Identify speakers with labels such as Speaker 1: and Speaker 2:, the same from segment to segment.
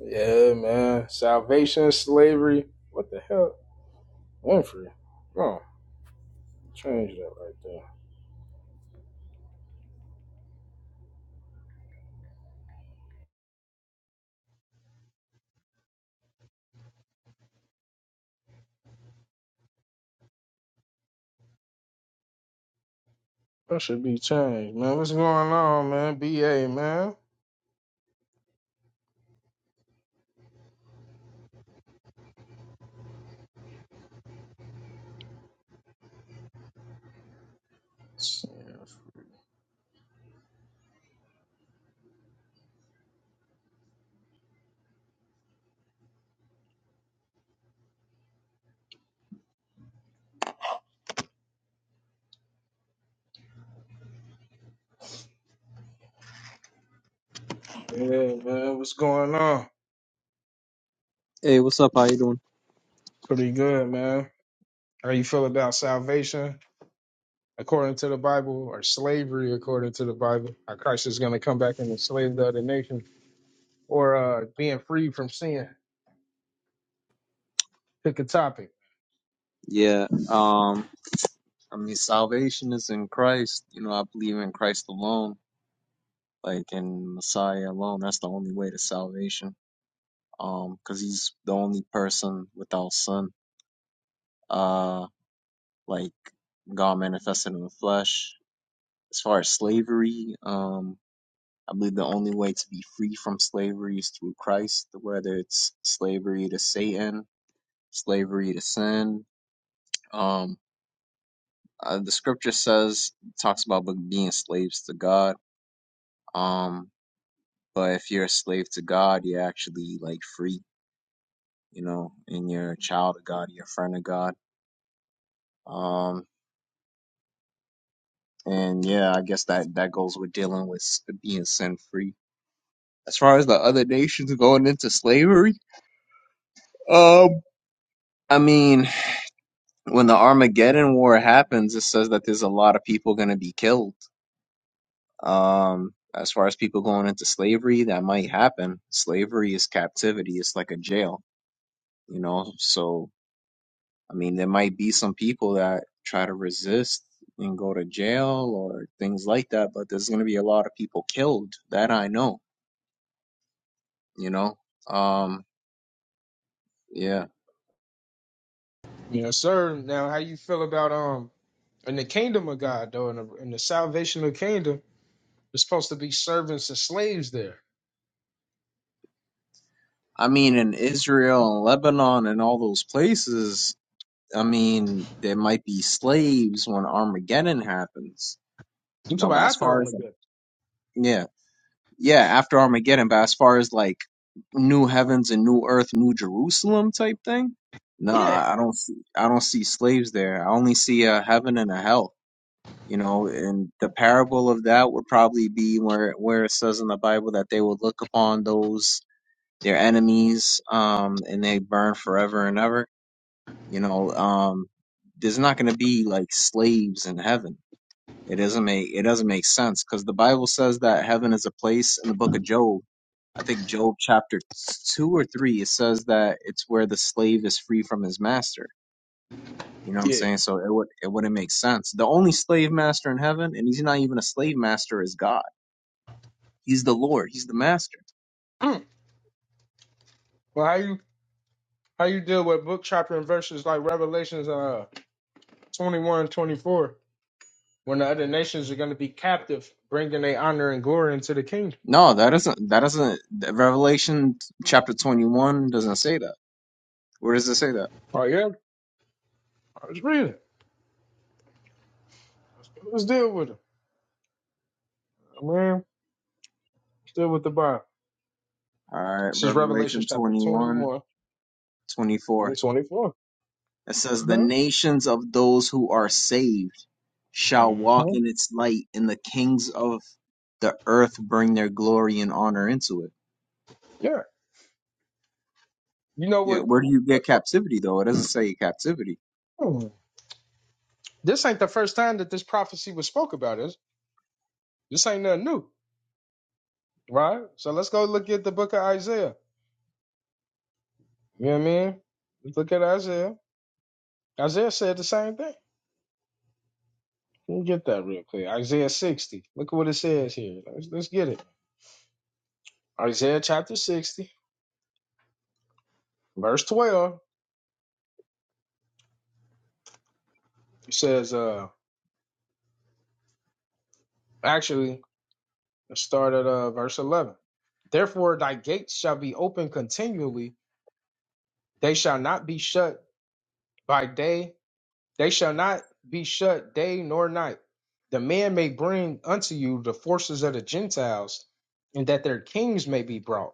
Speaker 1: Yeah, man. Salvation, slavery. What the hell? Winfrey. Oh, change that right there. That should be changed, man. What's going on, man? BA, man. Yeah, man. What's going on?
Speaker 2: Hey, what's up? How you doing?
Speaker 1: Pretty good, man. How you feel about salvation according to the Bible or slavery according to the Bible? How Christ is going to come back and enslave the other nation or uh, being free from sin? Pick a topic.
Speaker 2: Yeah, um, I mean, salvation is in Christ. You know, I believe in Christ alone, like in Messiah alone. That's the only way to salvation. Um, 'cause he's the only person without sin. Uh, like God manifested in the flesh. As far as slavery, um, I believe the only way to be free from slavery is through Christ, whether it's slavery to Satan, slavery to sin. Um, uh, the scripture says talks about being slaves to God. Um, but if you're a slave to God, you're actually like free, you know, and you're a child of God, you're a friend of God. Um, and yeah, I guess that that goes with dealing with s- being sin free. As far as the other nations going into slavery, um, I mean, when the Armageddon War happens, it says that there's a lot of people going to be killed. Um, as far as people going into slavery, that might happen. Slavery is captivity, it's like a jail, you know. So, I mean, there might be some people that try to resist and go to jail or things like that, but there's going to be a lot of people killed. That I know, you know. Um, yeah.
Speaker 1: Yes, sir. Now, how you feel about um In the kingdom of God, though, in the, in the salvation of kingdom, there's supposed to be servants and slaves there.
Speaker 2: I mean, in Israel and Lebanon and all those places, I mean, there might be slaves when Armageddon happens,
Speaker 1: I'm
Speaker 2: you know,
Speaker 1: talking
Speaker 2: but
Speaker 1: about
Speaker 2: as
Speaker 1: after
Speaker 2: far as,
Speaker 1: Armageddon.
Speaker 2: yeah. yeah, after Armageddon, but as far as like new heavens and new earth, new Jerusalem type thing,
Speaker 1: Yeah,
Speaker 2: nah, I don't see, I don't see slaves there. I only see a heaven and a hell. You know, and the parable of that would probably be where where it says in the Bible that they would look upon those their enemies, um, and they burn forever and ever. You know, um, there's not going to be like slaves in heaven. It doesn't make it doesn't make sense because the Bible says that heaven is a place in the book of Job I think Job chapter two or three, it says that it's where the slave is free from his master. You know what I'm
Speaker 1: yeah.
Speaker 2: saying? So it would it wouldn't make sense. The only slave master in heaven, and he's not even a slave master, is God. He's the Lord. He's the master.
Speaker 1: Mm. Well, how you how you deal with book chapter and verses like Revelations uh 21 24, when the other nations are going to be captive, bringing their honor and glory into the kingdom?
Speaker 2: No, that doesn't that doesn't the Revelation chapter 21 doesn't say that. Where does it say that?
Speaker 1: Oh yeah, let's read it. Let's deal with it, man. Let's deal with the Bible.
Speaker 2: All right,
Speaker 1: This is Revelation
Speaker 2: Revelation
Speaker 1: chapter
Speaker 2: 21
Speaker 1: 21
Speaker 2: 24.
Speaker 1: and then 24.
Speaker 2: It says,
Speaker 1: Uh huh.
Speaker 2: The nations of those who are saved shall
Speaker 1: Uh-huh.
Speaker 2: walk
Speaker 1: Uh-huh.
Speaker 2: in its light, and the kings of the earth bring their glory and honor into it.
Speaker 1: Yeah. You know
Speaker 2: Yeah,
Speaker 1: what?
Speaker 2: where do you get captivity, though? It doesn't say captivity.
Speaker 1: The, This ain't the first time that this prophecy was spoke about. This this ain't nothing new, right? So let's go look at the book of Isaiah. You know what I mean? Let's look at Isaiah. Isaiah said the same thing. Let me get that real quick. Isaiah 60. Look at what it says here. Let's, let's get it. Isaiah chapter 60, verse 12. It says, uh, actually, let's start at uh, verse 11. Therefore, thy gates shall be open continually, they shall not be shut by day They shall not be shut day nor night. The man may bring unto you the forces of the Gentiles, and that their kings may be brought.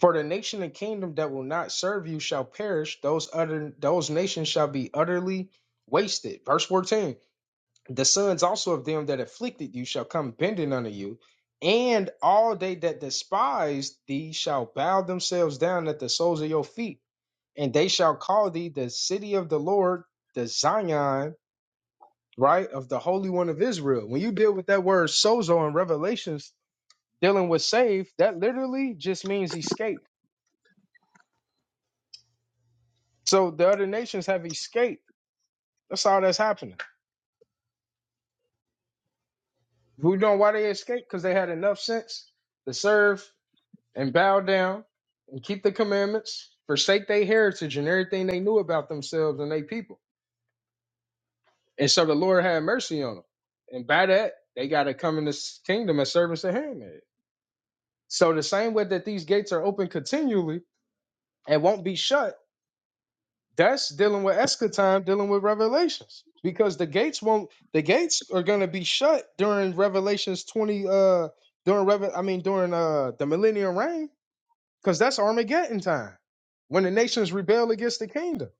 Speaker 1: For the nation and kingdom that will not serve you shall perish; those other those nations shall be utterly wasted. Verse 14. The sons also of them that afflicted you shall come bending unto you, and all they that despise thee shall bow themselves down at the soles of your feet, and they shall call thee the city of the Lord, the Zion right, of the Holy One of Israel. When you deal with that word sozo in Revelations, dealing with saved, that literally just means escape. So the other nations have escaped. That's all that's happening. We know why they escaped because they had enough sense to serve and bow down and keep the commandments, forsake their heritage and everything they knew about themselves and their people. And so the Lord had mercy on them. And by that, they got to come in this kingdom as servants and handmaids. So the same way that these gates are open continually, and won't be shut. That's dealing with eschaton, dealing with revelations. Because the gates won't the gates are gonna be shut during Revelations 20 uh during Revel I mean during uh the millennial reign, because that's Armageddon time when the nations rebel against the kingdom.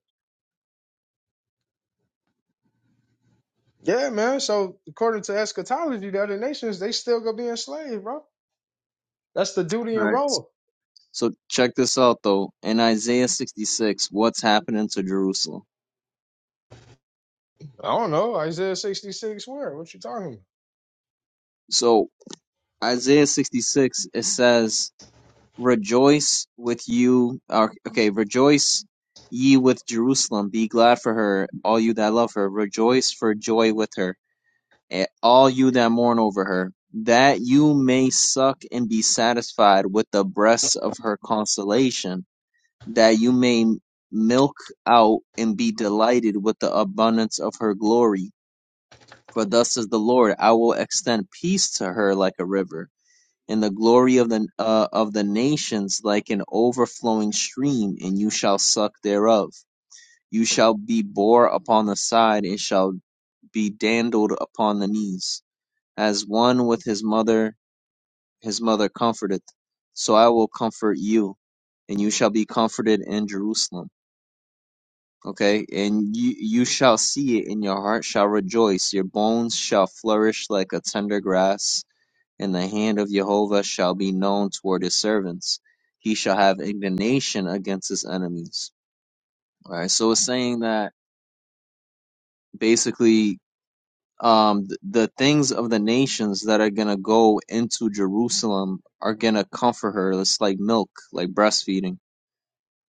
Speaker 1: Yeah, man. So according to eschatology, the other nations they still gonna be enslaved, bro. That's the duty
Speaker 2: All
Speaker 1: and
Speaker 2: right.
Speaker 1: role.
Speaker 2: So check this out, though. In Isaiah 66, what's happening to Jerusalem?
Speaker 1: I don't know, Isaiah 66 where? What you talking
Speaker 2: So, Isaiah 66, it says, Rejoice with you. or- Okay, rejoice ye with Jerusalem. Be glad for her, all you that love her. Rejoice for joy with her and all you that mourn over her, that you may suck and be satisfied with the breasts of her consolation, that you may milk out and be delighted with the abundance of her glory. For thus says the Lord, I will extend peace to her like a river, and the glory of the uh, of the nations like an overflowing stream, and you shall suck thereof. You shall be bore upon the side, and shall be dandled upon the knees as one with his mother, his mother comforteth. So I will comfort you, and you shall be comforted in Jerusalem. Okay, and you you shall see it, and your heart shall rejoice. Your bones shall flourish like a tender grass, and the hand of Jehovah shall be known toward his servants. He shall have indignation against his enemies. All right, so it's saying that basically um th- the things of the nations that are gonna go into Jerusalem are gonna comfort her. It's like milk, like breastfeeding.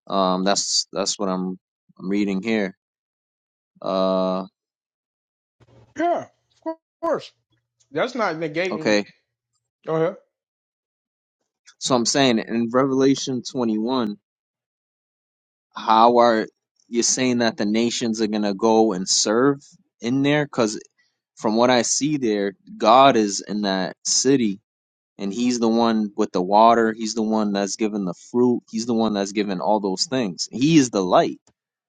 Speaker 2: Um, that's that's what I'm I'm reading here. Uh,
Speaker 1: about? Yeah, of course. That's not negating.
Speaker 2: okay.
Speaker 1: Go ahead.
Speaker 2: So I'm saying in Revelation 21, how are you saying that the nations are gonna go and serve in there? Because from what I see there, God is in that city and he's the one with the water he's the one that's given the fruit he's the one that's given all those things he is the light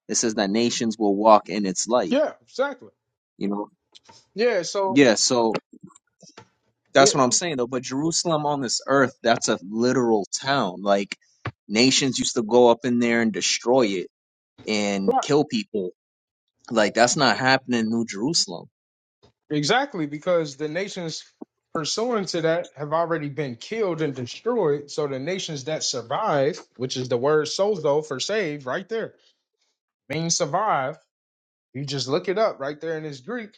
Speaker 2: it says that nations will walk in its light
Speaker 1: Yeah, exactly.
Speaker 2: you know
Speaker 1: Yeah, so
Speaker 2: yeah so
Speaker 1: yeah,
Speaker 2: that's what i'm saying though but jerusalem on this earth that's a literal town like nations used to go up in there and destroy it and
Speaker 1: right.
Speaker 2: kill people like that's not happening in new jerusalem
Speaker 1: exactly because the nations pursuant to that have already been killed and destroyed. So the nations that survive, which is the word sozo for save, right there, means survive. You just look it up right there in this Greek.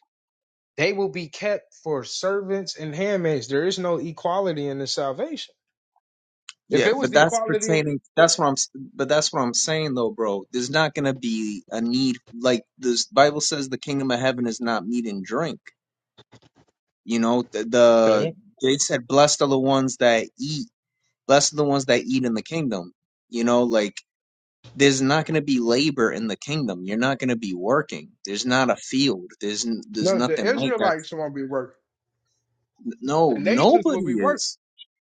Speaker 1: They will be kept for servants and handmaids. There is no equality in the salvation. If
Speaker 2: Yeah,
Speaker 1: it was
Speaker 2: but that's
Speaker 1: equality in
Speaker 2: pertaining. That's what I'm. s- But that's what I'm saying, though, bro. There's not gonna be a need like this. Bible says the kingdom of heaven is not meat and drink. You know, the, the
Speaker 1: Okay.
Speaker 2: they said, "Blessed are the ones that eat. Blessed are the ones that eat in the kingdom." You know, like there's not gonna be labor in the kingdom. You're not gonna be working. There's not a field. There's n- there's
Speaker 1: no, the
Speaker 2: nothing like that.
Speaker 1: Israelites won't be working. The
Speaker 2: No,
Speaker 1: nations will
Speaker 2: nobody
Speaker 1: be working.
Speaker 2: is,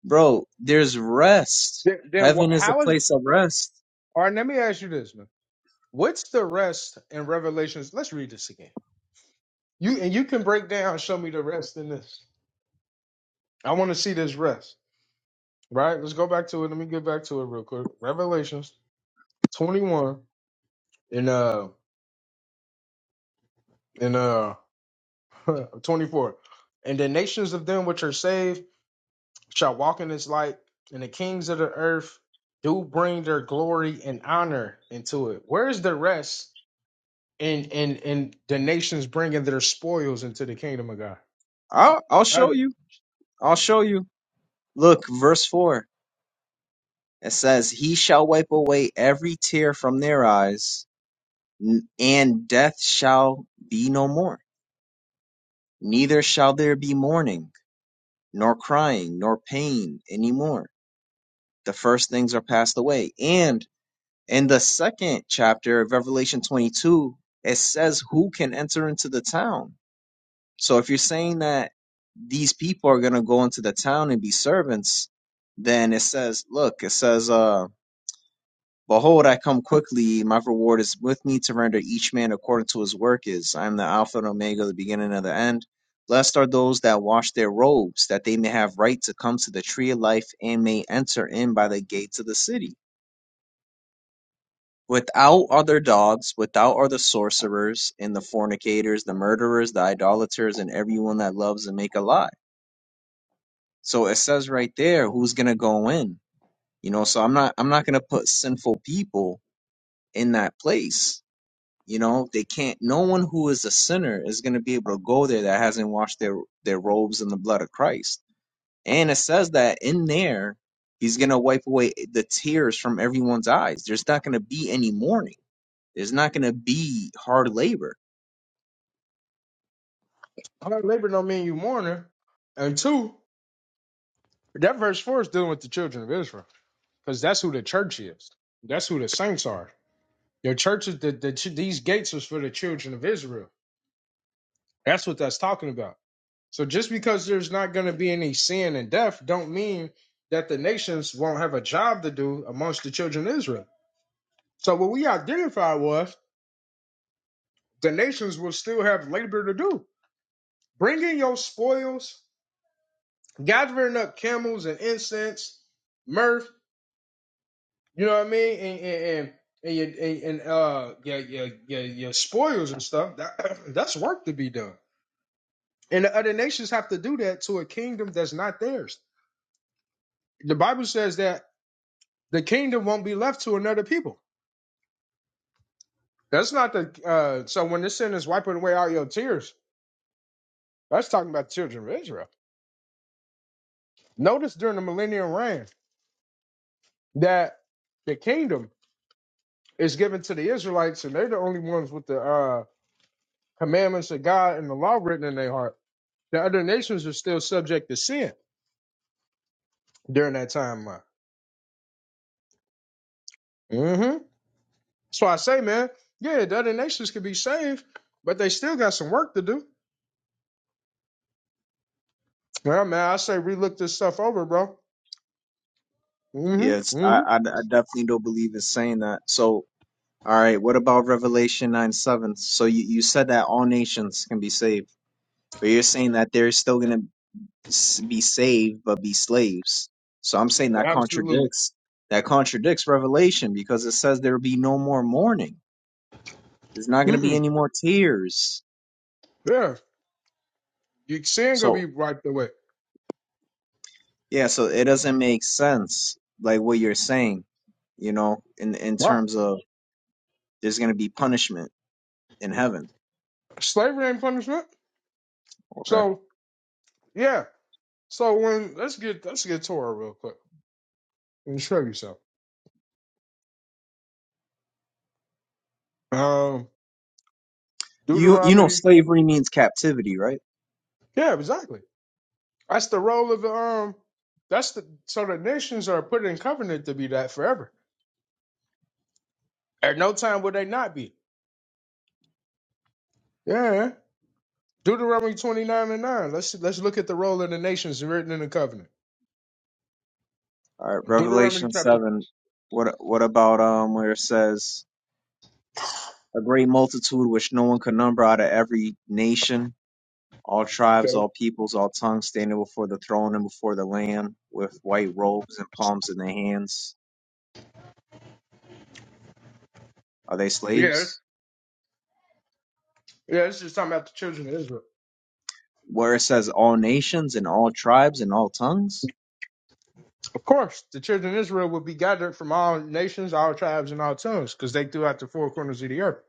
Speaker 2: bro. There's rest.
Speaker 1: Then, then
Speaker 2: Heaven
Speaker 1: wh-
Speaker 2: is a
Speaker 1: how is?
Speaker 2: place of rest.
Speaker 1: All right, let me ask you this, man. What's the rest in Revelations? Let's read this again. You and you can break down show me the rest in this. I want to see this rest. Right? Let's go back to it. Let me get back to it real quick. Revelations 21 and uh and uh 24. And the nations of them which are saved shall walk in its light, and the kings of the earth do bring their glory and honor into it. Where is the rest in in in the nations bringing their spoils into the kingdom of God?
Speaker 2: I'll, I'll show you. I'll show you. Look, verse 4. It says, He shall wipe away every tear from their eyes, n- and death shall be no more. Neither shall there be mourning, nor crying, nor pain any more. The first things are passed away. And in the second chapter of Revelation 22, it says, Who can enter into the town? So if you're saying that these people are going to go into the town and be servants, then it says, Look, it says, uh, Behold, I come quickly. My reward is with me to render each man according to his work is. I am the Alpha and Omega, the beginning and the end. Blessed are those that wash their robes, that they may have right to come to the tree of life and may enter in by the gates of the city. Without are their dogs, without are the sorcerers, and the fornicators, the murderers, the idolaters, and everyone that loves and make a lie. So it says right there who's gonna go in. You know, so I'm not I'm not gonna put sinful people in that place You know, they can't. No one who is a sinner is going to be able to go there that hasn't washed their their robes in the blood of Christ. And it says that in there, He's going to wipe away the tears from everyone's eyes. There's not going to be any mourning. There's not going to be hard labor.
Speaker 1: hard labor don't mean you mourner. And two, that verse four is dealing with the children of Israel because that's who the church is. That's who the saints are. Your church is the, the ch- these gates was for the children of Israel. That's what that's talking about. So just because there's not going to be any sin and death, don't mean that the nations won't have a job to do amongst the children of Israel. So what we identified was the nations will still have labor to do. Bringing your spoils, gathering up camels and incense, myrrh, You know what I mean? And and and, and your and, and uh your, your your your spoils and stuff. That that's work to be done. And the other nations have to do that to a kingdom that's not theirs. The Bible says that the kingdom won't be left to another people. That's not the uh so when this sin is wiping away all your tears, that's talking about the children of Israel. Notice during the millennium reign that the kingdom is given to the Israelites and they're the only ones with the uh commandments of God and the law written in their heart The other nations are still subject to sin during that timeline. Mm-hmm. That's why I say, man, yeah, the other nations could be saved, but they still got some work to do. Well, man, I say relook this stuff over, bro.
Speaker 2: Yeah,
Speaker 1: Mm-hmm.
Speaker 2: it's, I, I
Speaker 1: Mm-hmm.
Speaker 2: I definitely don't believe it's saying that. So, all right, what about Revelation nine seven? So you you said that all nations can be saved, but you're saying that there's still going to s- be saved but be slaves. So I'm saying that
Speaker 1: Absolutely.
Speaker 2: contradicts that contradicts Revelation because it says there will be no more mourning. There's not going to be
Speaker 1: Mm-mm.
Speaker 2: any more tears.
Speaker 1: Yeah. Your sin gonna be
Speaker 2: So
Speaker 1: wiped away.
Speaker 2: yeah, so it doesn't make sense like what you're saying, you know, in in
Speaker 1: Wow.
Speaker 2: terms of there's going to be punishment in heaven.
Speaker 1: Slavery ain't punishment.
Speaker 2: Okay,
Speaker 1: So yeah. So when let's get let's get Torah real quick and show you something. Um
Speaker 2: you you know
Speaker 1: Deuteronomy.
Speaker 2: slavery means captivity, right?
Speaker 1: Yeah, exactly. That's the role of the um. That's the so the nations are put in covenant to be that forever. At no time will they not be. Yeah. Deuteronomy twenty nine and nine. Let's let's look at the role of the nations written in the covenant.
Speaker 2: All right,
Speaker 1: Deuteronomy
Speaker 2: Revelation
Speaker 1: chapter.
Speaker 2: seven. What what about um where it says a great multitude which no one could number out of every nation, all tribes,
Speaker 1: Okay.
Speaker 2: all peoples, all tongues, standing before the throne and before the Lamb with white robes and palms in their hands. Are they
Speaker 1: Yeah.
Speaker 2: slaves?
Speaker 1: Yeah. This is talking about the children of Israel.
Speaker 2: where it says all nations and all tribes and all tongues.
Speaker 1: Of course, the children of Israel will be gathered from all nations, all tribes, and all tongues, because they threw out the four corners of the earth.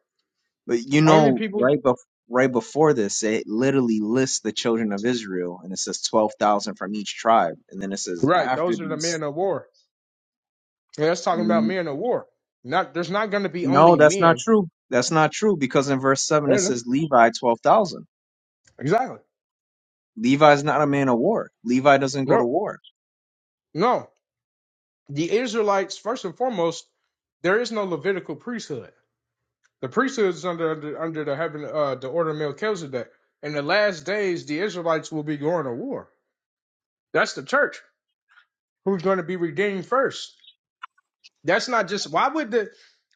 Speaker 2: But you
Speaker 1: Only
Speaker 2: know,
Speaker 1: people.
Speaker 2: right bef- right before this, it literally lists the children of Israel, and it says twelve thousand from each tribe, and then it says
Speaker 1: Right.
Speaker 2: after
Speaker 1: Those are the
Speaker 2: these.
Speaker 1: men of war. And that's talking about
Speaker 2: N-
Speaker 1: men of war. Not there's not going to be
Speaker 2: No,
Speaker 1: only
Speaker 2: that's not
Speaker 1: men.
Speaker 2: true. That's not true because in verse seven it
Speaker 1: Yeah,
Speaker 2: says Levi twelve thousand.
Speaker 1: Exactly.
Speaker 2: Levi is not a man of war. Levi doesn't go to
Speaker 1: No,
Speaker 2: war
Speaker 1: no. The Israelites, first and foremost, there is no Levitical priesthood. The priesthood is under under, under the heaven uh, the order of Melchizedek. In the last days, the Israelites will be going to war. That's the church who's going to be redeemed first. That's not just why would the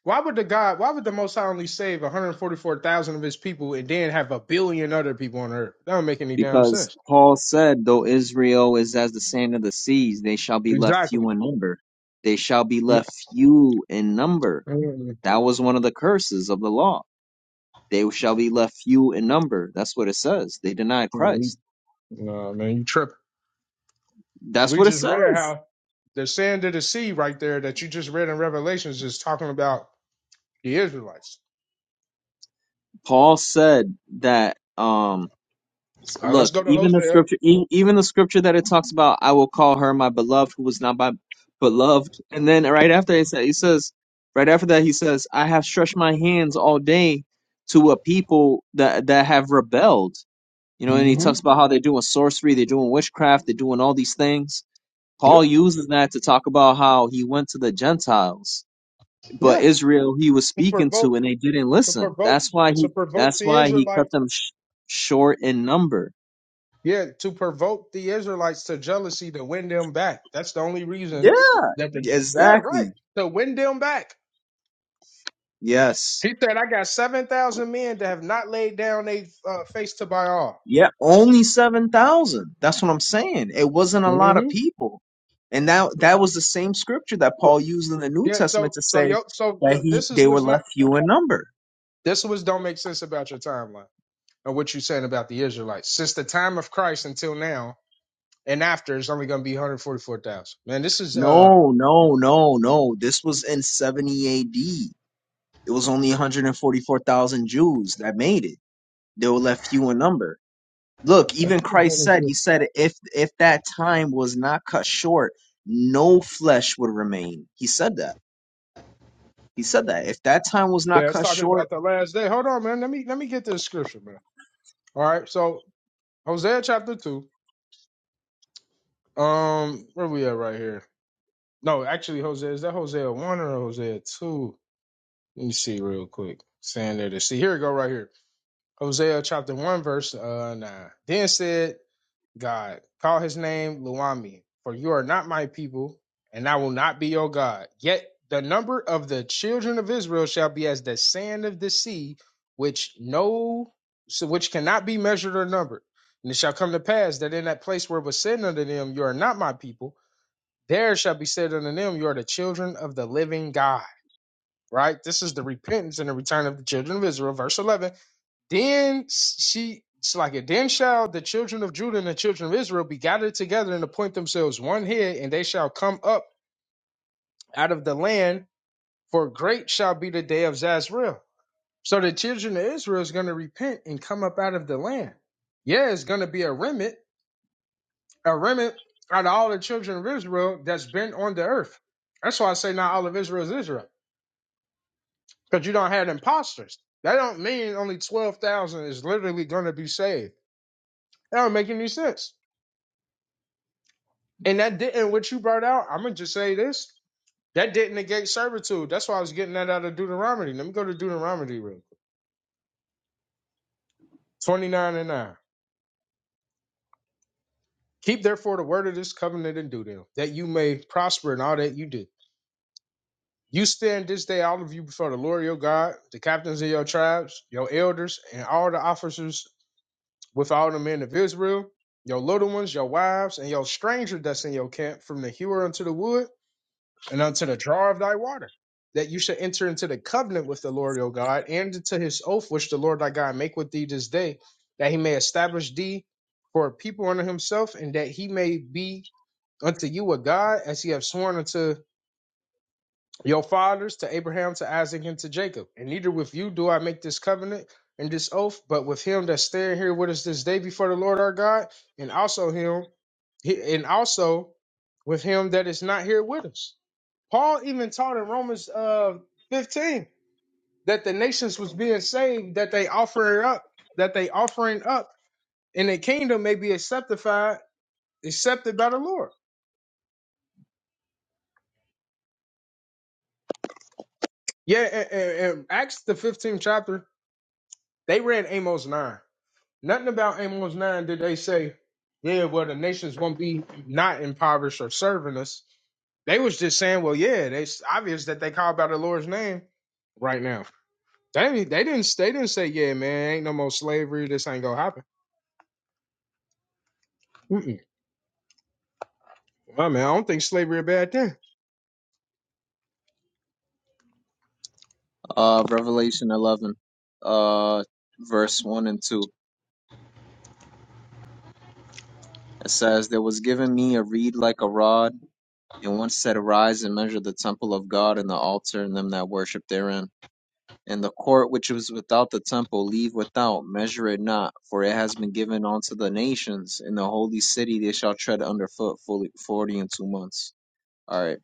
Speaker 1: why would the God why would the Most High only save one hundred forty four thousand of His people and then have a billion other people on earth? That don't make any damn
Speaker 2: because
Speaker 1: sense.
Speaker 2: Paul said, though Israel is as the sand of the seas, they shall be left
Speaker 1: Exactly.
Speaker 2: few in number. They shall be
Speaker 1: No,
Speaker 2: left few in number
Speaker 1: Mm,
Speaker 2: That was one of the curses of the law. They shall be left few in number. That's what it says. They denied
Speaker 1: mm, mm.
Speaker 2: Christ.
Speaker 1: Nah, man, you tripping.
Speaker 2: That's
Speaker 1: We
Speaker 2: what it
Speaker 1: just read
Speaker 2: says.
Speaker 1: how the sand of the sea right there that you just read in Revelations is talking about the Israelites.
Speaker 2: Paul said that. Um, s-
Speaker 1: All right,
Speaker 2: look,
Speaker 1: let's go to
Speaker 2: even the
Speaker 1: Hosea
Speaker 2: scripture, e- even the scripture that it talks about, I will call her my beloved, who was not my beloved. And then right after he said, he says, right after that, he says, I have stretched my hands all day to a people that that have rebelled. You know, and he
Speaker 1: Mm-hmm.
Speaker 2: talks about how they're doing sorcery, they're doing witchcraft, they're doing all these things
Speaker 1: Yep.
Speaker 2: Paul uses that to talk about how he went to the Gentiles, but
Speaker 1: Yeah.
Speaker 2: Israel he was
Speaker 1: to
Speaker 2: speaking to
Speaker 1: provoke,
Speaker 2: and they didn't
Speaker 1: to
Speaker 2: listen.
Speaker 1: provoke,
Speaker 2: That's why
Speaker 1: to
Speaker 2: he
Speaker 1: provoke
Speaker 2: that's
Speaker 1: the
Speaker 2: why he cut
Speaker 1: Israelites.
Speaker 2: them sh- short in number.
Speaker 1: Yeah, to provoke the Israelites to jealousy to win them back. That's the only
Speaker 2: Yeah,
Speaker 1: reason that the yeah right
Speaker 2: exactly.
Speaker 1: to win them back.
Speaker 2: Yes.
Speaker 1: He said, "I got seven thousand men that have not laid down a uh, face to Baal."
Speaker 2: Yeah, only 7,000. That's what I'm saying. It wasn't a lot of
Speaker 1: Mm-hmm.
Speaker 2: people. And that that was the same scripture that Paul used in the New
Speaker 1: Yeah.
Speaker 2: Testament
Speaker 1: So
Speaker 2: to
Speaker 1: so
Speaker 2: say
Speaker 1: yo so yo,
Speaker 2: that he
Speaker 1: this is
Speaker 2: they were
Speaker 1: what's not.
Speaker 2: left few in number.
Speaker 1: This was don't make sense about your timeline and what you're saying about the Israelites. Since the time of Christ until now and after, it's only going to be 144,000. Man, this is uh.
Speaker 2: No, no, no, no. This was in 70 AD. It was only 144,000 Jews that made it. They were left few in number. Look, even Christ said, he said, if if that time was not cut short, no flesh would remain. He said that. He said that. If that time was not
Speaker 1: Yeah, it's
Speaker 2: cut
Speaker 1: talking
Speaker 2: short,
Speaker 1: about the last day. Hold on, man. Let me let me get this scripture, man. All right, so Hosea chapter two. Um, where we at right here? No, actually, Hosea is that Hosea one or Hosea two? Let me see real quick. Saying there to see here we go right here. Hosea chapter one verse uh nine. Then said God. Call his name Luami, for you are not my people, and I will not be your God. Yet the number of the children of Israel shall be as the sand of the sea, which no so which cannot be measured or numbered. And it shall come to pass that in that place where it was said unto them, You are not my people, there shall be said unto them, You are the children of the living God. Right? This is the repentance and the return of the children of Israel, verse 11 then she, it's like it. Then shall the children of Judah and the children of Israel be gathered together and appoint themselves one head, and they shall come up out of the land, for great shall be the day of Zazrael. So the children of Israel is going to repent and come up out of the land. Yeah, it's going to be a remnant, a remnant out of all the children of Israel that's been on the earth. That's why I say not all of Israel is Israel, because you don't have imposters. That don't mean only 12,000 is literally going to be saved. That don't make any sense. And that didn't what you brought out. I'm gonna just say this. That didn't negate servitude. That's why I was getting that out of Deuteronomy. Let me go to Deuteronomy real quick. 29 and 9. Keep therefore the word of this covenant and do them, that you may prosper in all that you do. You stand this day, all of you, before the Lord your God, the captains of your tribes, your elders, and all the officers with all the men of Israel, your little ones, your wives, and your stranger that's in your camp, from the hewer unto the wood. and unto the jar of thy water, that you should enter into the covenant with the Lord your God, and into his oath which the Lord thy God make with thee this day, that he may establish thee for a people unto himself, and that he may be unto you a God, as he have sworn unto your fathers, to Abraham, to Isaac, and to Jacob. And neither with you do I make this covenant and this oath, but with him that stand here with us this day before the Lord our God, and also him, and also with him that is not here with us Paul even taught in Romans uh 15 that the nations was being saved, that they offering up, that they offering up, and the kingdom may be acceptified, accepted by the Lord. Yeah, a- a- and, Acts the 15th chapter, they read Amos 9. Nothing about Amos 9 did they say, yeah, well, the nations won't be not impoverished or serving us. They was just saying, well, yeah, they- it's obvious that they call by the Lord's name right now. They, they didn't they didn't say, yeah, man, ain't no more slavery, this ain't gonna happen. Mm-mm. I mean, I don't think slavery a bad thing.
Speaker 2: uh, Revelation 11, uh, verse 1 and 2. It says, There was given me a reed like a rod, and one said, Arise and measure the temple of God and the altar and them that worship therein. And the court which is without the temple leave without, measure it not, for it has been given unto the nations. In the holy city they shall tread underfoot fully forty and two months. All right.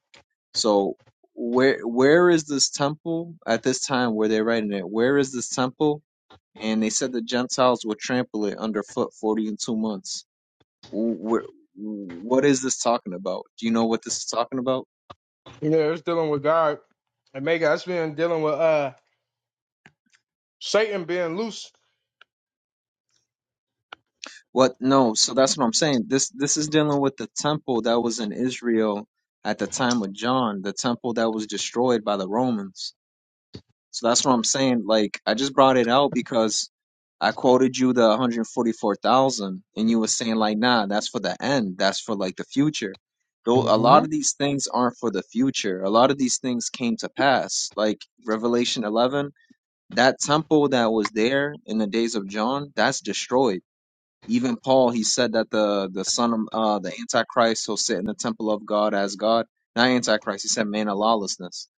Speaker 2: So where where is this temple at this time where they're writing it? Where is this temple? And they said the Gentiles would trample it underfoot forty and two months. Wh- wh- what is this talking about? Do you know what this is talking about?
Speaker 1: You know, it's dealing with God and make us been dealing with uh Satan being loose.
Speaker 2: What? No. So that's what I'm saying. This this is dealing with the temple that was in Israel at the time of John, the temple that was destroyed by the Romans. So that's what I'm saying. Like I just brought it out because I quoted you the 144,000, and you were saying like, nah, that's for the end. That's for like the future. Though a
Speaker 1: hmm
Speaker 2: lot of these things aren't for the future. A lot of these things came to pass. Like Revelation 11, that temple that was there in the days of John, that's destroyed even Paul, he said that the the son of uh, the Antichrist will sit in the temple of God as God. Not Antichrist. He said man of lawlessness.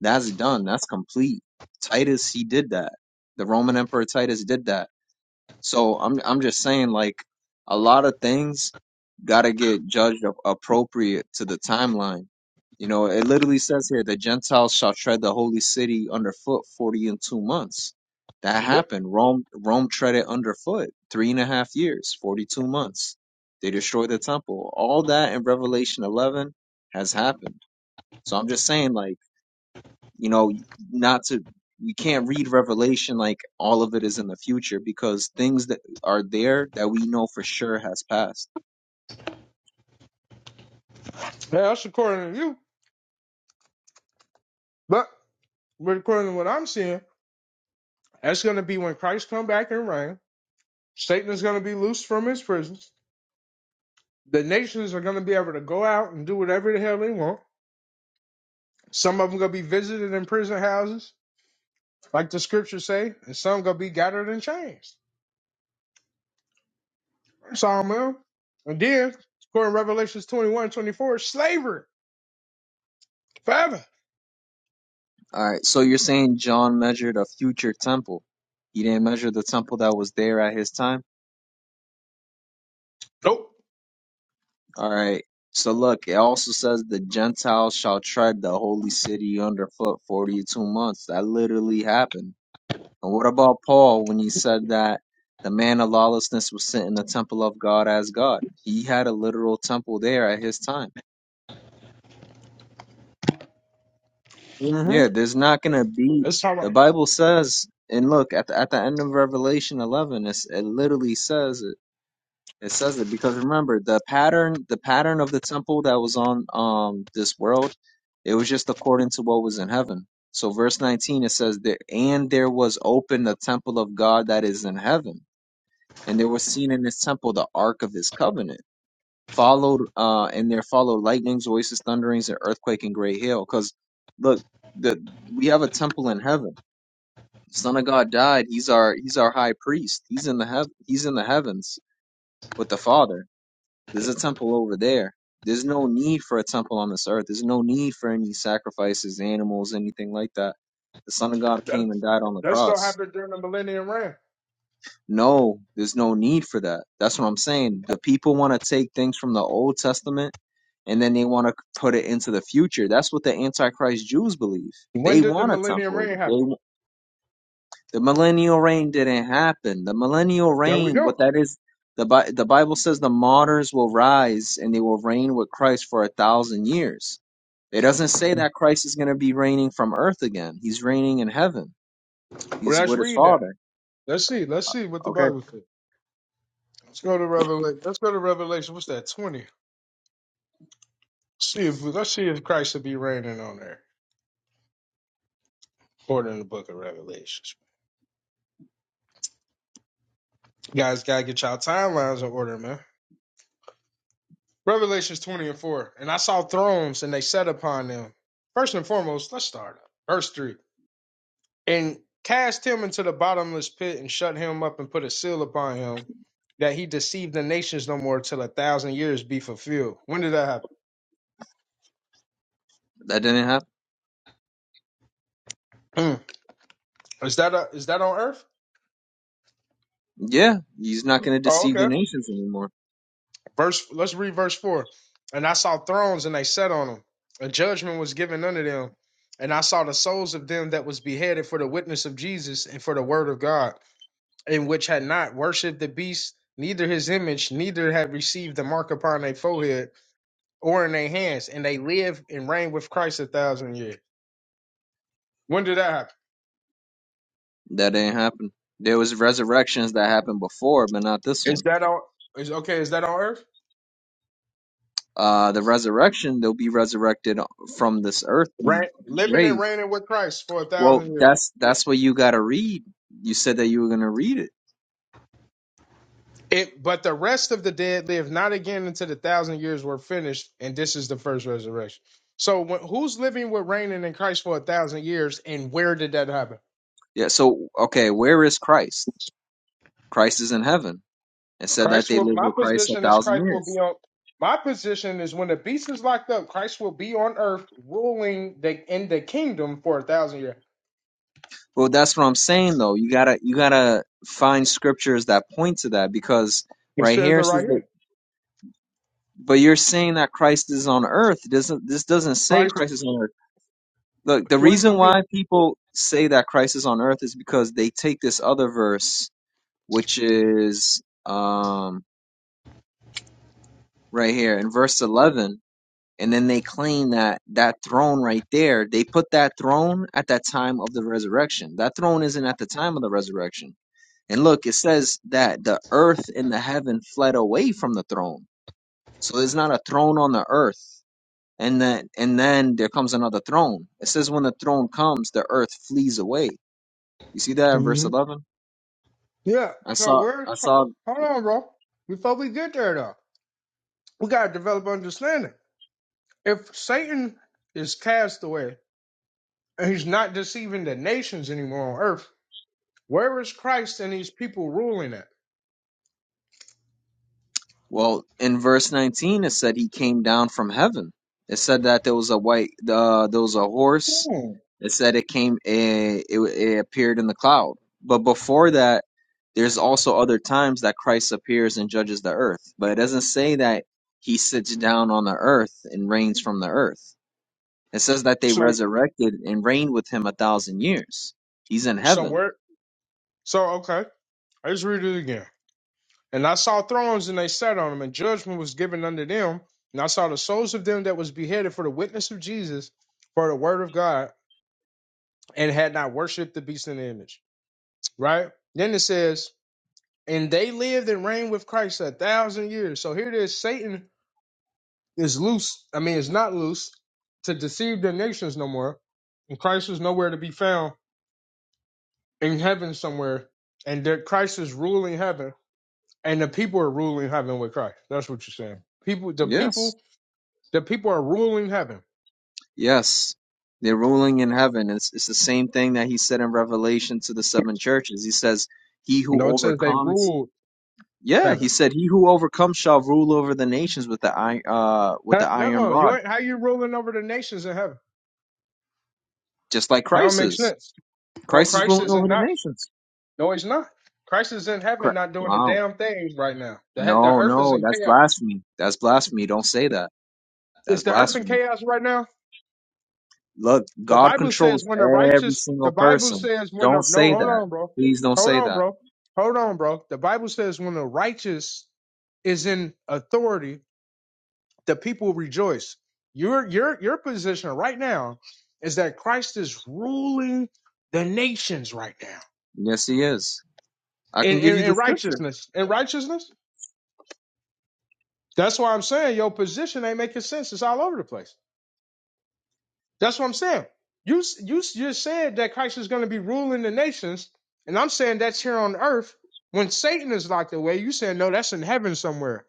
Speaker 2: That's done. That's complete. Titus, he did that. The Roman Emperor Titus did that. So I'm I'm just saying like a lot of things gotta get judged ap- appropriate to the timeline. You know, it literally says here the Gentiles shall tread the holy city underfoot forty and two months. That
Speaker 1: Yep.
Speaker 2: happened. Rome Rome tread it underfoot three and a half years, forty two months. They destroyed the temple. All that in Revelation eleven has happened. So I'm just saying like you know, not to we can't read Revelation like all of it is in the future because things that are there that we know for sure has passed.
Speaker 1: Yeah, that's according to you. But but according to what I'm seeing, that's gonna be when Christ come back and reign. Satan is gonna be loose from his prisons. The nations are gonna be able to go out and do whatever the hell they want. Some of them gonna be visited in prison houses, like the scriptures say, and some gonna be gathered in chains. Sawmill. And then, according to Revelations 21 24, slavery forever.
Speaker 2: All right, so you're saying John measured a future temple. He didn't measure the temple that was there at his time.
Speaker 1: Nope.
Speaker 2: All right. So look, it also says the Gentiles shall tread the holy city underfoot 42 months. That literally happened. And what about Paul when he said that the man of lawlessness was sent in the temple of God as God? He had a literal temple there at his time. Yeah,
Speaker 1: Mm-hmm.
Speaker 2: there's not gonna be.
Speaker 1: That's how
Speaker 2: The
Speaker 1: I-
Speaker 2: Bible says, and look at the at the end of Revelation 11, it's, it literally says it. It says it because remember the pattern, the pattern of the temple that was on um this world, it was just according to what was in heaven. So verse 19 it says there, and there was open the temple of God that is in heaven. and there was seen in his temple the ark of his covenant followed uh and there followed lightnings voices thunderings and earthquake and great hail because look the we have a temple in heaven son of god died he's our he's our high priest he's in the heav he's in the heavens with the father there's a temple over there there's no need for a temple on this earth there's no need for any sacrifices animals anything like that the son of god came and
Speaker 1: that's,
Speaker 2: died on the
Speaker 1: that's going to
Speaker 2: cross
Speaker 1: happen during the millennium reign.
Speaker 2: No, there's no need for that. That's what I'm saying. The people want to take things from the Old Testament and then they want to put it into the future. That's what the Antichrist Jews believe.
Speaker 1: When
Speaker 2: They
Speaker 1: did the
Speaker 2: want a
Speaker 1: millennium
Speaker 2: temple.
Speaker 1: reign happen?
Speaker 2: They the millennial reign didn't happen. The millennial
Speaker 1: There we
Speaker 2: reign, what
Speaker 1: go.
Speaker 2: that is, the Bi- the Bible says the martyrs will rise and they will reign with Christ for a thousand years. It doesn't say that Christ is going to be reigning from earth again. He's reigning in heaven. He's
Speaker 1: Let's
Speaker 2: with his
Speaker 1: read that.
Speaker 2: Father.
Speaker 1: Let's see. Let's see what the
Speaker 2: Okay,
Speaker 1: Bible says. Let's go to Revelation. Let's go to Revelation. What's that? 20. See if let's see if Christ will be reigning on there. According to the book of Revelations. You guys gotta get y'all timelines in order, man. Revelations 20 and 4. And I saw thrones and they sat upon them. First and foremost, let's start up. Verse 3. And cast him into the bottomless pit and shut him up and put a seal upon him that he deceived the nations no more till a thousand years be fulfilled. When did that
Speaker 2: that didn't happen.
Speaker 1: happen? Is that a, is that on earth?
Speaker 2: Yeah, he's not going to
Speaker 1: Oh,
Speaker 2: deceive the
Speaker 1: okay.
Speaker 2: nations anymore.
Speaker 1: Verse let's read verse 4. And I saw thrones and they sat on them. A judgment was given unto them. And I saw the souls of them that was beheaded for the witness of Jesus and for the word of God and which had not worshipped the beast, neither his image, neither had received the mark upon their forehead or in their hands, and they live and reign with Christ a thousand years. When did that happen?
Speaker 2: That ain't happened. There was resurrections that happened before, but not this one.
Speaker 1: Is that on? Is okay? Is that on earth?
Speaker 2: Uh, the resurrection, they'll be resurrected from this earthly
Speaker 1: Right, living and
Speaker 2: grave.
Speaker 1: reigning with Christ for a
Speaker 2: Well,
Speaker 1: thousand years.
Speaker 2: that's that's what you got to read. You said that you were going to read it.
Speaker 1: It, but the rest of the dead live not again until the thousand years were finished, and this is the first resurrection. So, when, who's living with reigning in Christ for a thousand years, and where did that happen?
Speaker 2: Yeah. So, okay, where is Christ? Christ is in heaven. It said that
Speaker 1: Christ
Speaker 2: they
Speaker 1: will.
Speaker 2: live
Speaker 1: My
Speaker 2: with Christ a
Speaker 1: position is
Speaker 2: thousand
Speaker 1: Christ will
Speaker 2: years.
Speaker 1: be on. My position is when the beast is locked up, Christ will be on earth ruling the in the kingdom for a thousand years.
Speaker 2: Well, that's what I'm saying though. You gotta you gotta find scriptures that point to that because
Speaker 1: It
Speaker 2: right
Speaker 1: says
Speaker 2: here
Speaker 1: it
Speaker 2: it
Speaker 1: right
Speaker 2: says that
Speaker 1: here.
Speaker 2: But you're saying that Christ is on earth. It doesn't this doesn't say
Speaker 1: Christ,
Speaker 2: Christ is on earth. Look, the
Speaker 1: where he gonna
Speaker 2: reason
Speaker 1: be?
Speaker 2: why people say that Christ is on earth is because they take this other verse, which is um right here in verse 11, and then they claim that that throne right there, they put that throne at that time of the resurrection. That throne isn't at the time of the resurrection. And look, it says that the earth and the heaven fled away from the throne. So there's not a throne on the earth And then and then there comes another throne. It says when the throne comes, the earth flees away. You see that in verse
Speaker 1: hmm
Speaker 2: eleven?
Speaker 1: Yeah.
Speaker 2: I
Speaker 1: So
Speaker 2: saw
Speaker 1: where's?
Speaker 2: I
Speaker 1: Chri-
Speaker 2: saw
Speaker 1: Hold on, bro. Before we get there, though, we gotta develop understanding. If Satan is cast away and he's not deceiving the nations anymore on earth, where is Christ and these people ruling at?
Speaker 2: well in verse nineteen it said he came down from heaven. It said that there was a white uh, there was a horse.
Speaker 1: Hmm.
Speaker 2: It said it came it, it it appeared in the cloud. But before that, there's also other times that Christ appears and judges the earth. But it doesn't say that he sits down on the earth and reigns from the earth. It says that they
Speaker 1: So,
Speaker 2: resurrected and reigned with him a thousand years. He's in
Speaker 1: so
Speaker 2: heaven.
Speaker 1: where? So okay. I just read it again. And I saw thrones, and they sat on them, and judgment was given unto them. And I saw the souls of them that was beheaded for the witness of Jesus, for the word of God, and had not worshipped the beast in the image. Right? Then it says, and they lived and reigned with Christ a thousand years. So here it is. Satan is loose. I mean, it's not loose to deceive the nations no more. And Christ is nowhere to be found in heaven somewhere. And that Christ is ruling heaven and the people are ruling heaven with Christ. That's what you're saying. People, the
Speaker 2: Yes.
Speaker 1: people, the people are ruling heaven.
Speaker 2: Yes. They're ruling in heaven. It's, it's the same thing that he said in Revelation to the seven churches. He says, He
Speaker 1: You know,
Speaker 2: who
Speaker 1: it says they
Speaker 2: overcomes.
Speaker 1: ruled
Speaker 2: Yeah, he
Speaker 1: heaven.
Speaker 2: said, He who overcomes shall rule over the nations with the, i- uh, with the iron
Speaker 1: No, you
Speaker 2: rod,
Speaker 1: ain't, how you ruling over the nations in heaven?
Speaker 2: just like
Speaker 1: That don't
Speaker 2: Christ
Speaker 1: make
Speaker 2: is.
Speaker 1: sense. No,
Speaker 2: Christ is
Speaker 1: Christ
Speaker 2: ruling
Speaker 1: is
Speaker 2: over
Speaker 1: in
Speaker 2: the
Speaker 1: not.
Speaker 2: nations.
Speaker 1: No, he's not. Christ is in heaven,
Speaker 2: Correct.
Speaker 1: not doing the
Speaker 2: Wow.
Speaker 1: damn thing right now. The he- the
Speaker 2: No,
Speaker 1: earth is
Speaker 2: no,
Speaker 1: in
Speaker 2: that's
Speaker 1: chaos.
Speaker 2: blasphemy. That's blasphemy. Don't say that. That's
Speaker 1: Is the earth in
Speaker 2: blasphemy.
Speaker 1: chaos right now?
Speaker 2: Look,
Speaker 1: The
Speaker 2: God
Speaker 1: Bible says
Speaker 2: controls
Speaker 1: when the
Speaker 2: every
Speaker 1: righteous. The
Speaker 2: single
Speaker 1: Bible
Speaker 2: person.
Speaker 1: says when
Speaker 2: Don't
Speaker 1: the no.
Speaker 2: say
Speaker 1: Hold
Speaker 2: that.
Speaker 1: on, bro.
Speaker 2: Please don't
Speaker 1: Hold
Speaker 2: say
Speaker 1: on,
Speaker 2: that.
Speaker 1: bro. Hold on, bro. The Bible says when the righteous is in authority the people rejoice. Your your your position right now is that Christ is ruling the nations right now
Speaker 2: Yes, He is. I
Speaker 1: in,
Speaker 2: can give
Speaker 1: in,
Speaker 2: you the
Speaker 1: in
Speaker 2: scripture.
Speaker 1: righteousness. In righteousness, that's why I'm saying your position ain't making sense. It's all over the place. That's what I'm saying. You s- you s- you said that Christ is going to be ruling the nations, and I'm saying that's here on earth. When Satan is locked away, you saying no, that's in heaven somewhere.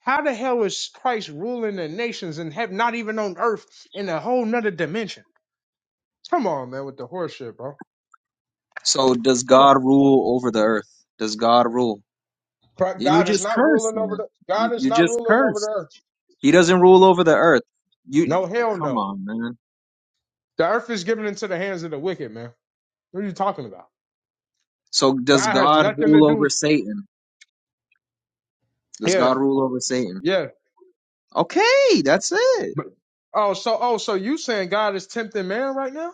Speaker 1: How the hell is Christ ruling the nations in heaven, not even on earth, in a whole nother dimension? Come on, man, with the horse shit, bro.
Speaker 2: So, does
Speaker 1: Come on.
Speaker 2: God rule over the earth? Does God rule?
Speaker 1: But
Speaker 2: And you
Speaker 1: God is
Speaker 2: just
Speaker 1: not
Speaker 2: cursed,
Speaker 1: ruling over
Speaker 2: man.
Speaker 1: the God
Speaker 2: You,
Speaker 1: is
Speaker 2: you
Speaker 1: not
Speaker 2: just
Speaker 1: ruling over the
Speaker 2: cursed.
Speaker 1: earth.
Speaker 2: He doesn't rule over the earth. You
Speaker 1: No, hell
Speaker 2: come
Speaker 1: no.
Speaker 2: on, man.
Speaker 1: The earth is given into the hands of the wicked, man. What are you talking about?
Speaker 2: So, does
Speaker 1: God has
Speaker 2: God
Speaker 1: nothing to
Speaker 2: rule
Speaker 1: do.
Speaker 2: over Satan? Does
Speaker 1: Yeah,
Speaker 2: God rule over Satan?
Speaker 1: yeah.
Speaker 2: Okay, that's it.
Speaker 1: But oh, so oh, so you saying God is tempting man right now?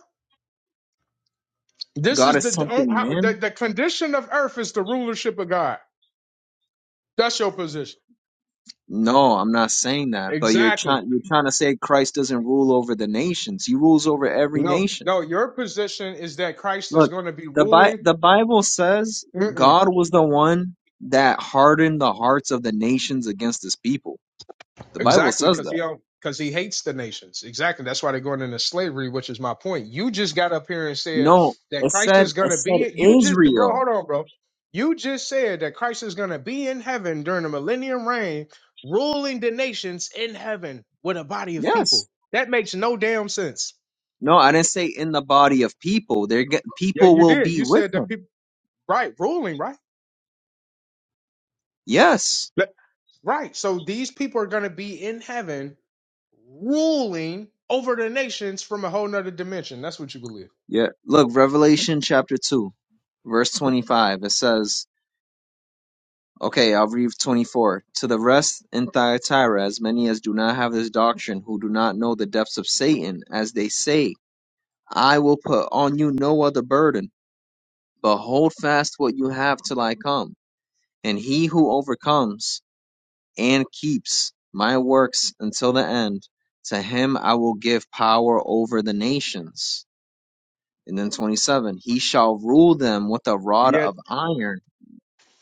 Speaker 1: This
Speaker 2: God
Speaker 1: is
Speaker 2: is
Speaker 1: the the, oh,
Speaker 2: something,
Speaker 1: how-
Speaker 2: man.
Speaker 1: the the condition of earth is the rulership of God. That's your position.
Speaker 2: No, I'm not saying that. But you're
Speaker 1: Exactly.
Speaker 2: trying you're trying to say Christ doesn't rule over the nations. He rules over every
Speaker 1: No,
Speaker 2: nation.
Speaker 1: no, your position is that Christ is
Speaker 2: Look,
Speaker 1: going to be
Speaker 2: the Bi-
Speaker 1: ruling.
Speaker 2: the Bible says
Speaker 1: Mm-mm.
Speaker 2: God was the one that hardened the hearts of the nations against his people. The Bible
Speaker 1: Exactly,
Speaker 2: says
Speaker 1: because he
Speaker 2: that.
Speaker 1: don't because he hates the nations. Exactly. That's why they're going into slavery, which is my point. You just got up here and said
Speaker 2: No, it
Speaker 1: that Christ
Speaker 2: said
Speaker 1: is
Speaker 2: it
Speaker 1: gonna
Speaker 2: said
Speaker 1: be it. You just bro,
Speaker 2: Israel.
Speaker 1: hold on, bro. You just said that Christ is gonna be in heaven during the millennium reign, ruling the nations in heaven with a body of
Speaker 2: Yes.
Speaker 1: people. That makes no damn sense.
Speaker 2: No, I didn't say in the body of people. They're get,
Speaker 1: Yeah,
Speaker 2: people
Speaker 1: you
Speaker 2: will
Speaker 1: did.
Speaker 2: be
Speaker 1: You
Speaker 2: with
Speaker 1: said that
Speaker 2: him.
Speaker 1: people right, ruling, right?
Speaker 2: Yes.
Speaker 1: Let- Right. So these people are gonna be in heaven ruling over the nations from a whole nother dimension. That's what you believe.
Speaker 2: Yeah. Look, Revelation chapter 2, verse 25. It says Okay, I'll read 24. To the rest in Thyatira, as many as do not have this doctrine, who do not know the depths of Satan, as they say, I will put on you no other burden, but hold fast what you have till I come. And he who overcomes and keeps my works until the end, to him I will give power over the nations. And then 27. He shall rule them with a rod of iron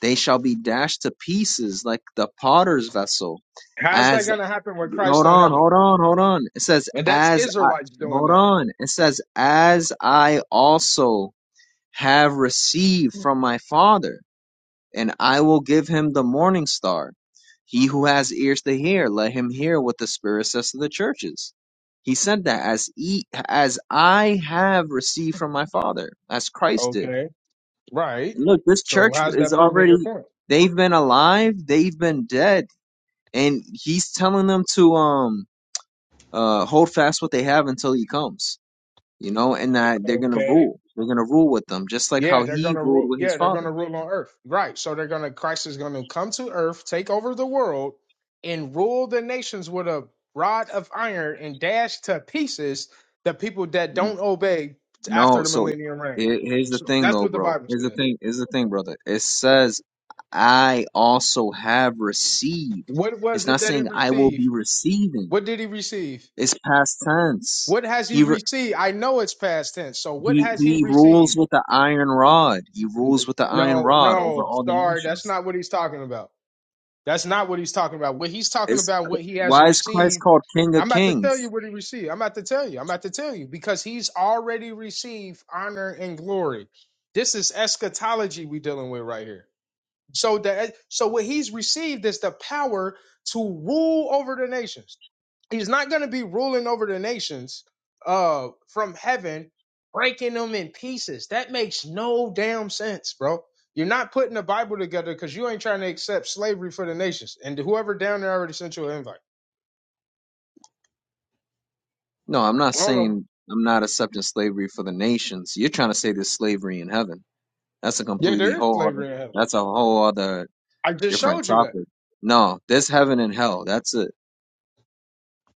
Speaker 2: They shall be dashed to pieces like the potter's vessel.
Speaker 1: How's that
Speaker 2: As
Speaker 1: going to happen with Christ
Speaker 2: hold
Speaker 1: in
Speaker 2: on,
Speaker 1: heaven?
Speaker 2: hold on, hold on. It says
Speaker 1: And that's
Speaker 2: as I
Speaker 1: Israelites doing
Speaker 2: hold
Speaker 1: that.
Speaker 2: on. It says as I also have received from my father, and I will give him the morning star. He who has ears to hear, let him hear what the Spirit says to the churches. He said that as e- as I have received from my Father, as Christ did
Speaker 1: Okay. Right.
Speaker 2: Look, this
Speaker 1: So
Speaker 2: church
Speaker 1: how's
Speaker 2: is
Speaker 1: that proving your
Speaker 2: already
Speaker 1: point?
Speaker 2: they've been alive, they've been dead, and he's telling them to um uh hold fast what they have until he comes, you know, and that they're gonna
Speaker 1: Okay.
Speaker 2: rule. They're gonna rule with them, just like
Speaker 1: Yeah,
Speaker 2: how
Speaker 1: they're
Speaker 2: he
Speaker 1: gonna
Speaker 2: ruled
Speaker 1: rule.
Speaker 2: with his
Speaker 1: Yeah, they're
Speaker 2: father.
Speaker 1: gonna rule on earth. Right. So they're gonna Christ is gonna come to earth, take over the world, and rule the nations with a rod of iron and dash to pieces the people that don't obey after
Speaker 2: No,
Speaker 1: the
Speaker 2: so
Speaker 1: millennium reign.
Speaker 2: here- here's the
Speaker 1: So
Speaker 2: thing
Speaker 1: that's
Speaker 2: though,
Speaker 1: what the
Speaker 2: bro.
Speaker 1: Bible
Speaker 2: Here's the
Speaker 1: says.
Speaker 2: thing, here's the thing, brother. It says I also have received.
Speaker 1: What
Speaker 2: It's
Speaker 1: was it
Speaker 2: not
Speaker 1: that he
Speaker 2: saying I will be
Speaker 1: received?
Speaker 2: receiving.
Speaker 1: What did he receive?
Speaker 2: It's past tense.
Speaker 1: What has he
Speaker 2: He.
Speaker 1: received? I know it's past tense. So what
Speaker 2: He
Speaker 1: has he
Speaker 2: he rules
Speaker 1: received?
Speaker 2: with the iron rod. He rules with the iron
Speaker 1: No,
Speaker 2: rod over
Speaker 1: no,
Speaker 2: all the
Speaker 1: sorry, that's
Speaker 2: nations.
Speaker 1: not what he's talking about. That's not what he's talking about. What he's talking
Speaker 2: Is
Speaker 1: about, what he has
Speaker 2: why is Christ
Speaker 1: received.
Speaker 2: called King of
Speaker 1: I'm about to tell you
Speaker 2: Kings?
Speaker 1: what he received. I'm about to tell you. I'm about to tell you because he's already received honor and glory. This is eschatology we dealing with right here. So that so what he's received is the power to rule over the nations. He's not going to be ruling over the nations uh from heaven, breaking them in pieces. That makes no damn sense, bro. You're not putting the Bible together because you ain't trying to accept slavery for the nations. And whoever down there already sent you an invite.
Speaker 2: No, I'm not
Speaker 1: I don't know.
Speaker 2: saying I'm not accepting slavery for the nations. You're trying to say there's slavery in heaven. That's a
Speaker 1: Yeah,
Speaker 2: completely
Speaker 1: there is
Speaker 2: whole other.
Speaker 1: slavery in heaven.
Speaker 2: That's a whole other
Speaker 1: I just
Speaker 2: different
Speaker 1: showed you that.
Speaker 2: topic. No, there's heaven and hell. That's it.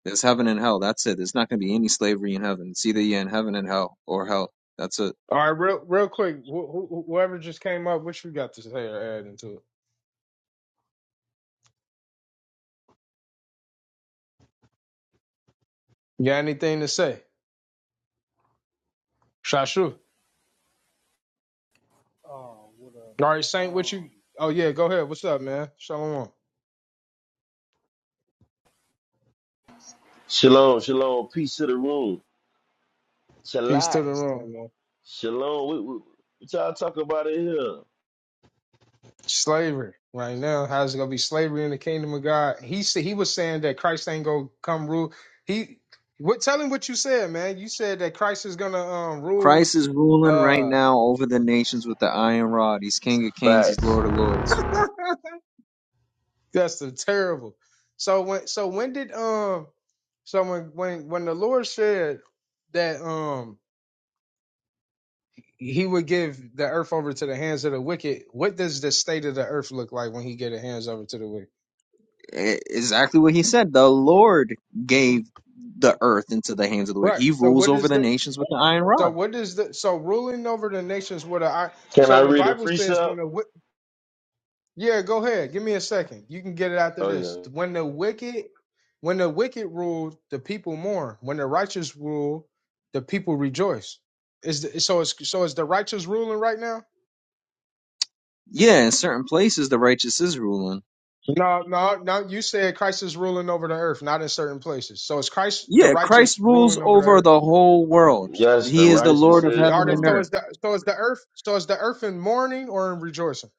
Speaker 2: There's heaven and hell. That's it. There's not going to be any slavery in heaven. It's either you're in heaven and hell or hell. That's it.
Speaker 1: All right, real real quick. Wh- wh- whoever just came up, what you got to say or add into it? You got anything to say, Shashu?
Speaker 3: Oh, what
Speaker 1: All right,
Speaker 3: a
Speaker 1: Saint, what you?
Speaker 3: Um,
Speaker 1: Oh yeah, go ahead. What's up, man? Shalom.
Speaker 4: Shalom, shalom, peace to the room.
Speaker 1: Peace to
Speaker 4: Shalak,
Speaker 1: the room, man.
Speaker 4: shalom. What, what, what y'all talk about in here?
Speaker 1: Slavery right now. How's it gonna be slavery in the kingdom of God? He said he was saying that Christ ain't gonna come rule. He what? Tell him what you said, man. You said that Christ is gonna um rule.
Speaker 2: Christ is ruling right
Speaker 1: Uh,
Speaker 2: now over the nations with the iron rod. He's King of Kings. He's
Speaker 4: Facts.
Speaker 2: Lord of Lords.
Speaker 1: that's the terrible. So when so when did um so when when when the Lord said that um he would give the earth over to the hands of the wicked. What does the state of the earth look like when he gave the hands over to the wicked?
Speaker 2: E- Exactly what he said. The Lord gave the earth into the hands of the wicked.
Speaker 1: Right.
Speaker 2: He
Speaker 1: So
Speaker 2: rules
Speaker 1: what
Speaker 2: over
Speaker 1: is
Speaker 2: the
Speaker 1: the
Speaker 2: nations with the iron
Speaker 1: so
Speaker 2: rod.
Speaker 1: what is the so ruling over the nations with I
Speaker 4: Can I
Speaker 1: so the
Speaker 4: read a
Speaker 1: Bible says when
Speaker 4: precept?
Speaker 1: the wi- yeah go ahead give me a second you can get it after
Speaker 4: Oh
Speaker 1: this
Speaker 4: yeah.
Speaker 1: when the wicked when the wicked rule the people mourn when the righteous rule the people rejoice is the, so it's so is the righteous ruling right now
Speaker 2: Yeah, in certain places the righteous is ruling.
Speaker 1: No, no, no. You said Christ is ruling over the earth, not in certain places. So is Christ the
Speaker 2: Yeah, Christ
Speaker 1: righteous
Speaker 2: rules
Speaker 1: ruling over the
Speaker 2: over
Speaker 1: earth?
Speaker 2: the whole world.
Speaker 4: Yes, the
Speaker 2: He is the
Speaker 4: righteous
Speaker 2: Lord of
Speaker 4: Israel is
Speaker 2: heaven
Speaker 1: Are they,
Speaker 2: and
Speaker 1: so
Speaker 4: ruler.
Speaker 2: earth.
Speaker 1: is the so is the earth so is the earth in mourning or in rejoicing?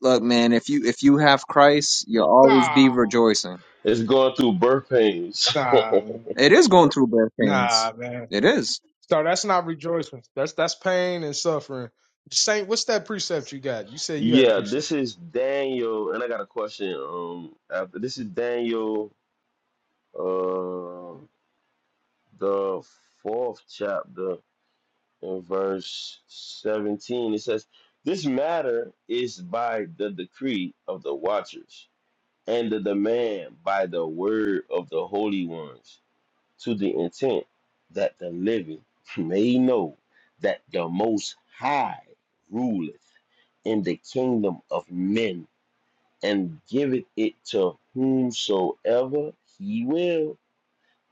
Speaker 2: Look, man, if you if you have Christ, you'll always be
Speaker 1: Nah,
Speaker 2: rejoicing.
Speaker 4: It's going through birth pains.
Speaker 1: nah,
Speaker 2: It is going through birth pains.
Speaker 1: nah, man.
Speaker 2: It is.
Speaker 1: So that's not rejoicing. That's that's pain and suffering. Saint, what's that precept you got? You said you had a
Speaker 4: yeah,
Speaker 1: precept.
Speaker 4: this is Daniel, and I got a question. Um, after this is Daniel, uh, the fourth chapter. in verse 17 it says this matter is by the decree of the watchers and the demand by the word of the holy ones to the intent that the living may know that the most high ruleth in the kingdom of men and giveth it to whomsoever he will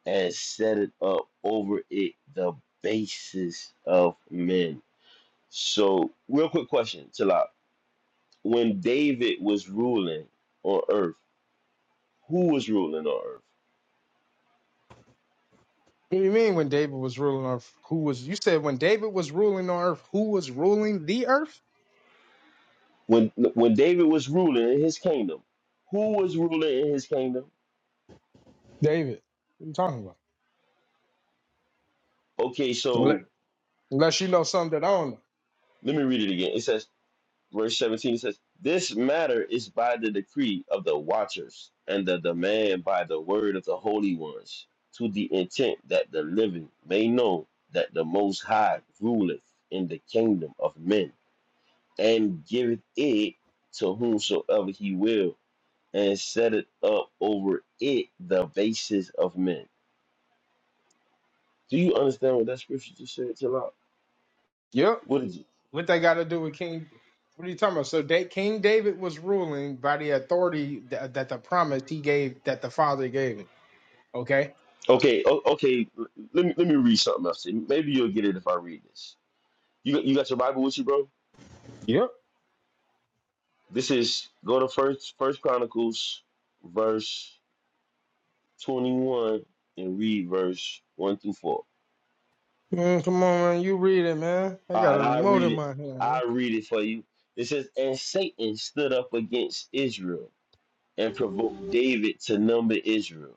Speaker 4: and set it up over it the basis of men so, real quick question, Talak. When David was ruling on earth, who was ruling on earth?
Speaker 1: What do you mean when David was ruling on earth, who was you said when David was ruling on earth, who was ruling the earth?
Speaker 4: When when David was ruling in his kingdom, who was ruling in his kingdom?
Speaker 1: David. What are you talking about?
Speaker 4: Okay,
Speaker 1: Unless
Speaker 4: so
Speaker 1: unless you know something that I don't know.
Speaker 4: let me read it again. It says, verse 17, it says, This matter is by the decree of the watchers and the demand by the word of the holy ones, to the intent that the living may know that the Most High ruleth in the kingdom of men and giveth it to whomsoever he will, and set it up over it the basis of men. Do you understand what that scripture just said? Chill out.
Speaker 1: Yep.
Speaker 4: What is it?
Speaker 1: What they got to do with King? What are you talking about? So da- King David was ruling by the authority that, that the promise he gave, that the Father gave him. Okay.
Speaker 4: Okay, o- okay. l- Let me let me read something else. Maybe you'll get it if I read this. You got- you got your Bible with you, bro?
Speaker 1: Yep.
Speaker 4: This is go to first First Chronicles, verse twenty one, and read verse one through four.
Speaker 1: Man, come on, man. You read it, man. I
Speaker 4: All
Speaker 1: got
Speaker 4: right,
Speaker 1: a
Speaker 4: I
Speaker 1: remote
Speaker 4: read
Speaker 1: in
Speaker 4: it.
Speaker 1: my hand. man.
Speaker 4: I read it for you. It says, and Satan stood up against Israel and provoked David to number Israel.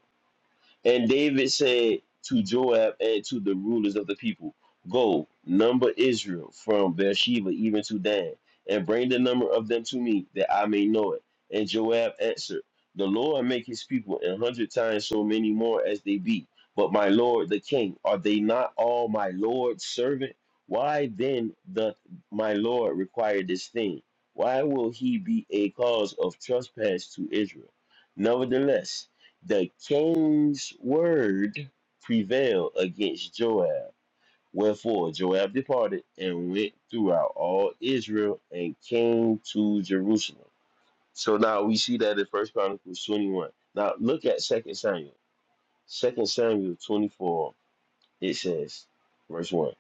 Speaker 4: And David said to Joab and to the rulers of the people, Go, number Israel from Beersheba even to Dan, and bring the number of them to me, that I may know it. And Joab answered, The Lord make his people an hundred times so many more as they be. But my lord the king, are they not all my lord's servant? Why then doth my lord require this thing? Why will he be a cause of trespass to Israel? Nevertheless, the king's word prevailed against Joab. Wherefore Joab departed and went throughout all Israel and came to Jerusalem. So now we see that in First Chronicles 21. Now look at Second Samuel. Second Samuel 24. It says, verse 1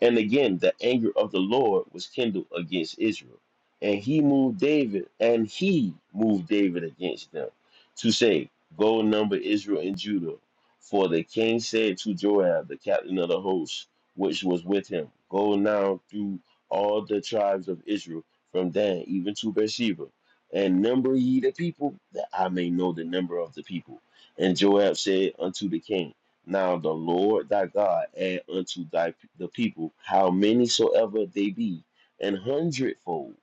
Speaker 4: And again, the anger of the Lord was kindled against Israel. And he moved David, and he moved David against them to say, Go number Israel and Judah. For the king said to Joab, the captain of the host, which was with him, Go now through all the tribes of Israel, from Dan even to Beersheba, and number ye the people, that I may know the number of the people. And Joab said unto the king, now the Lord thy God add unto thy the people how many soever they be, an hundredfold,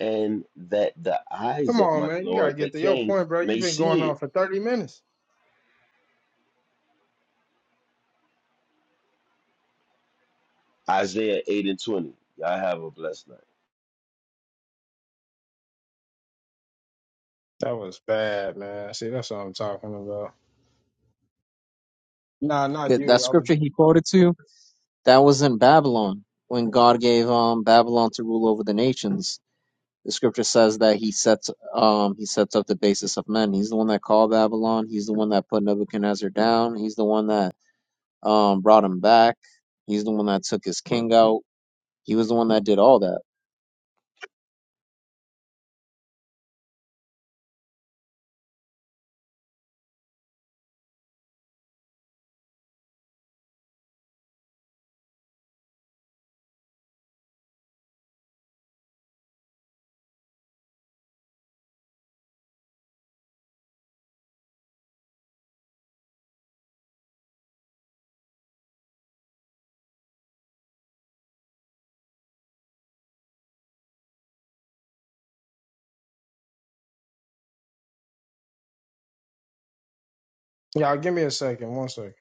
Speaker 4: and that the eyes
Speaker 1: Come
Speaker 4: of
Speaker 1: on,
Speaker 4: my
Speaker 1: man. You gotta
Speaker 4: Lord the
Speaker 1: get to your
Speaker 4: King
Speaker 1: point, bro.
Speaker 4: may
Speaker 1: You've been going
Speaker 4: see it.
Speaker 1: on for thirty minutes.
Speaker 4: Isaiah eight and twenty. Y'all have a blessed night.
Speaker 1: That was bad, man. See, that's what I'm talking about. Nah, not
Speaker 2: It- that
Speaker 1: you. I was.
Speaker 2: scripture he quoted to you. That was in Babylon when God gave um Babylon to rule over the nations. The scripture says that he sets um he sets up the basis of men. He's the one that called Babylon. He's the one that put Nebuchadnezzar down. He's the one that um brought him back. He's the one that took his king out. He was the one that did all that.
Speaker 1: Y'all, give me a second. One second.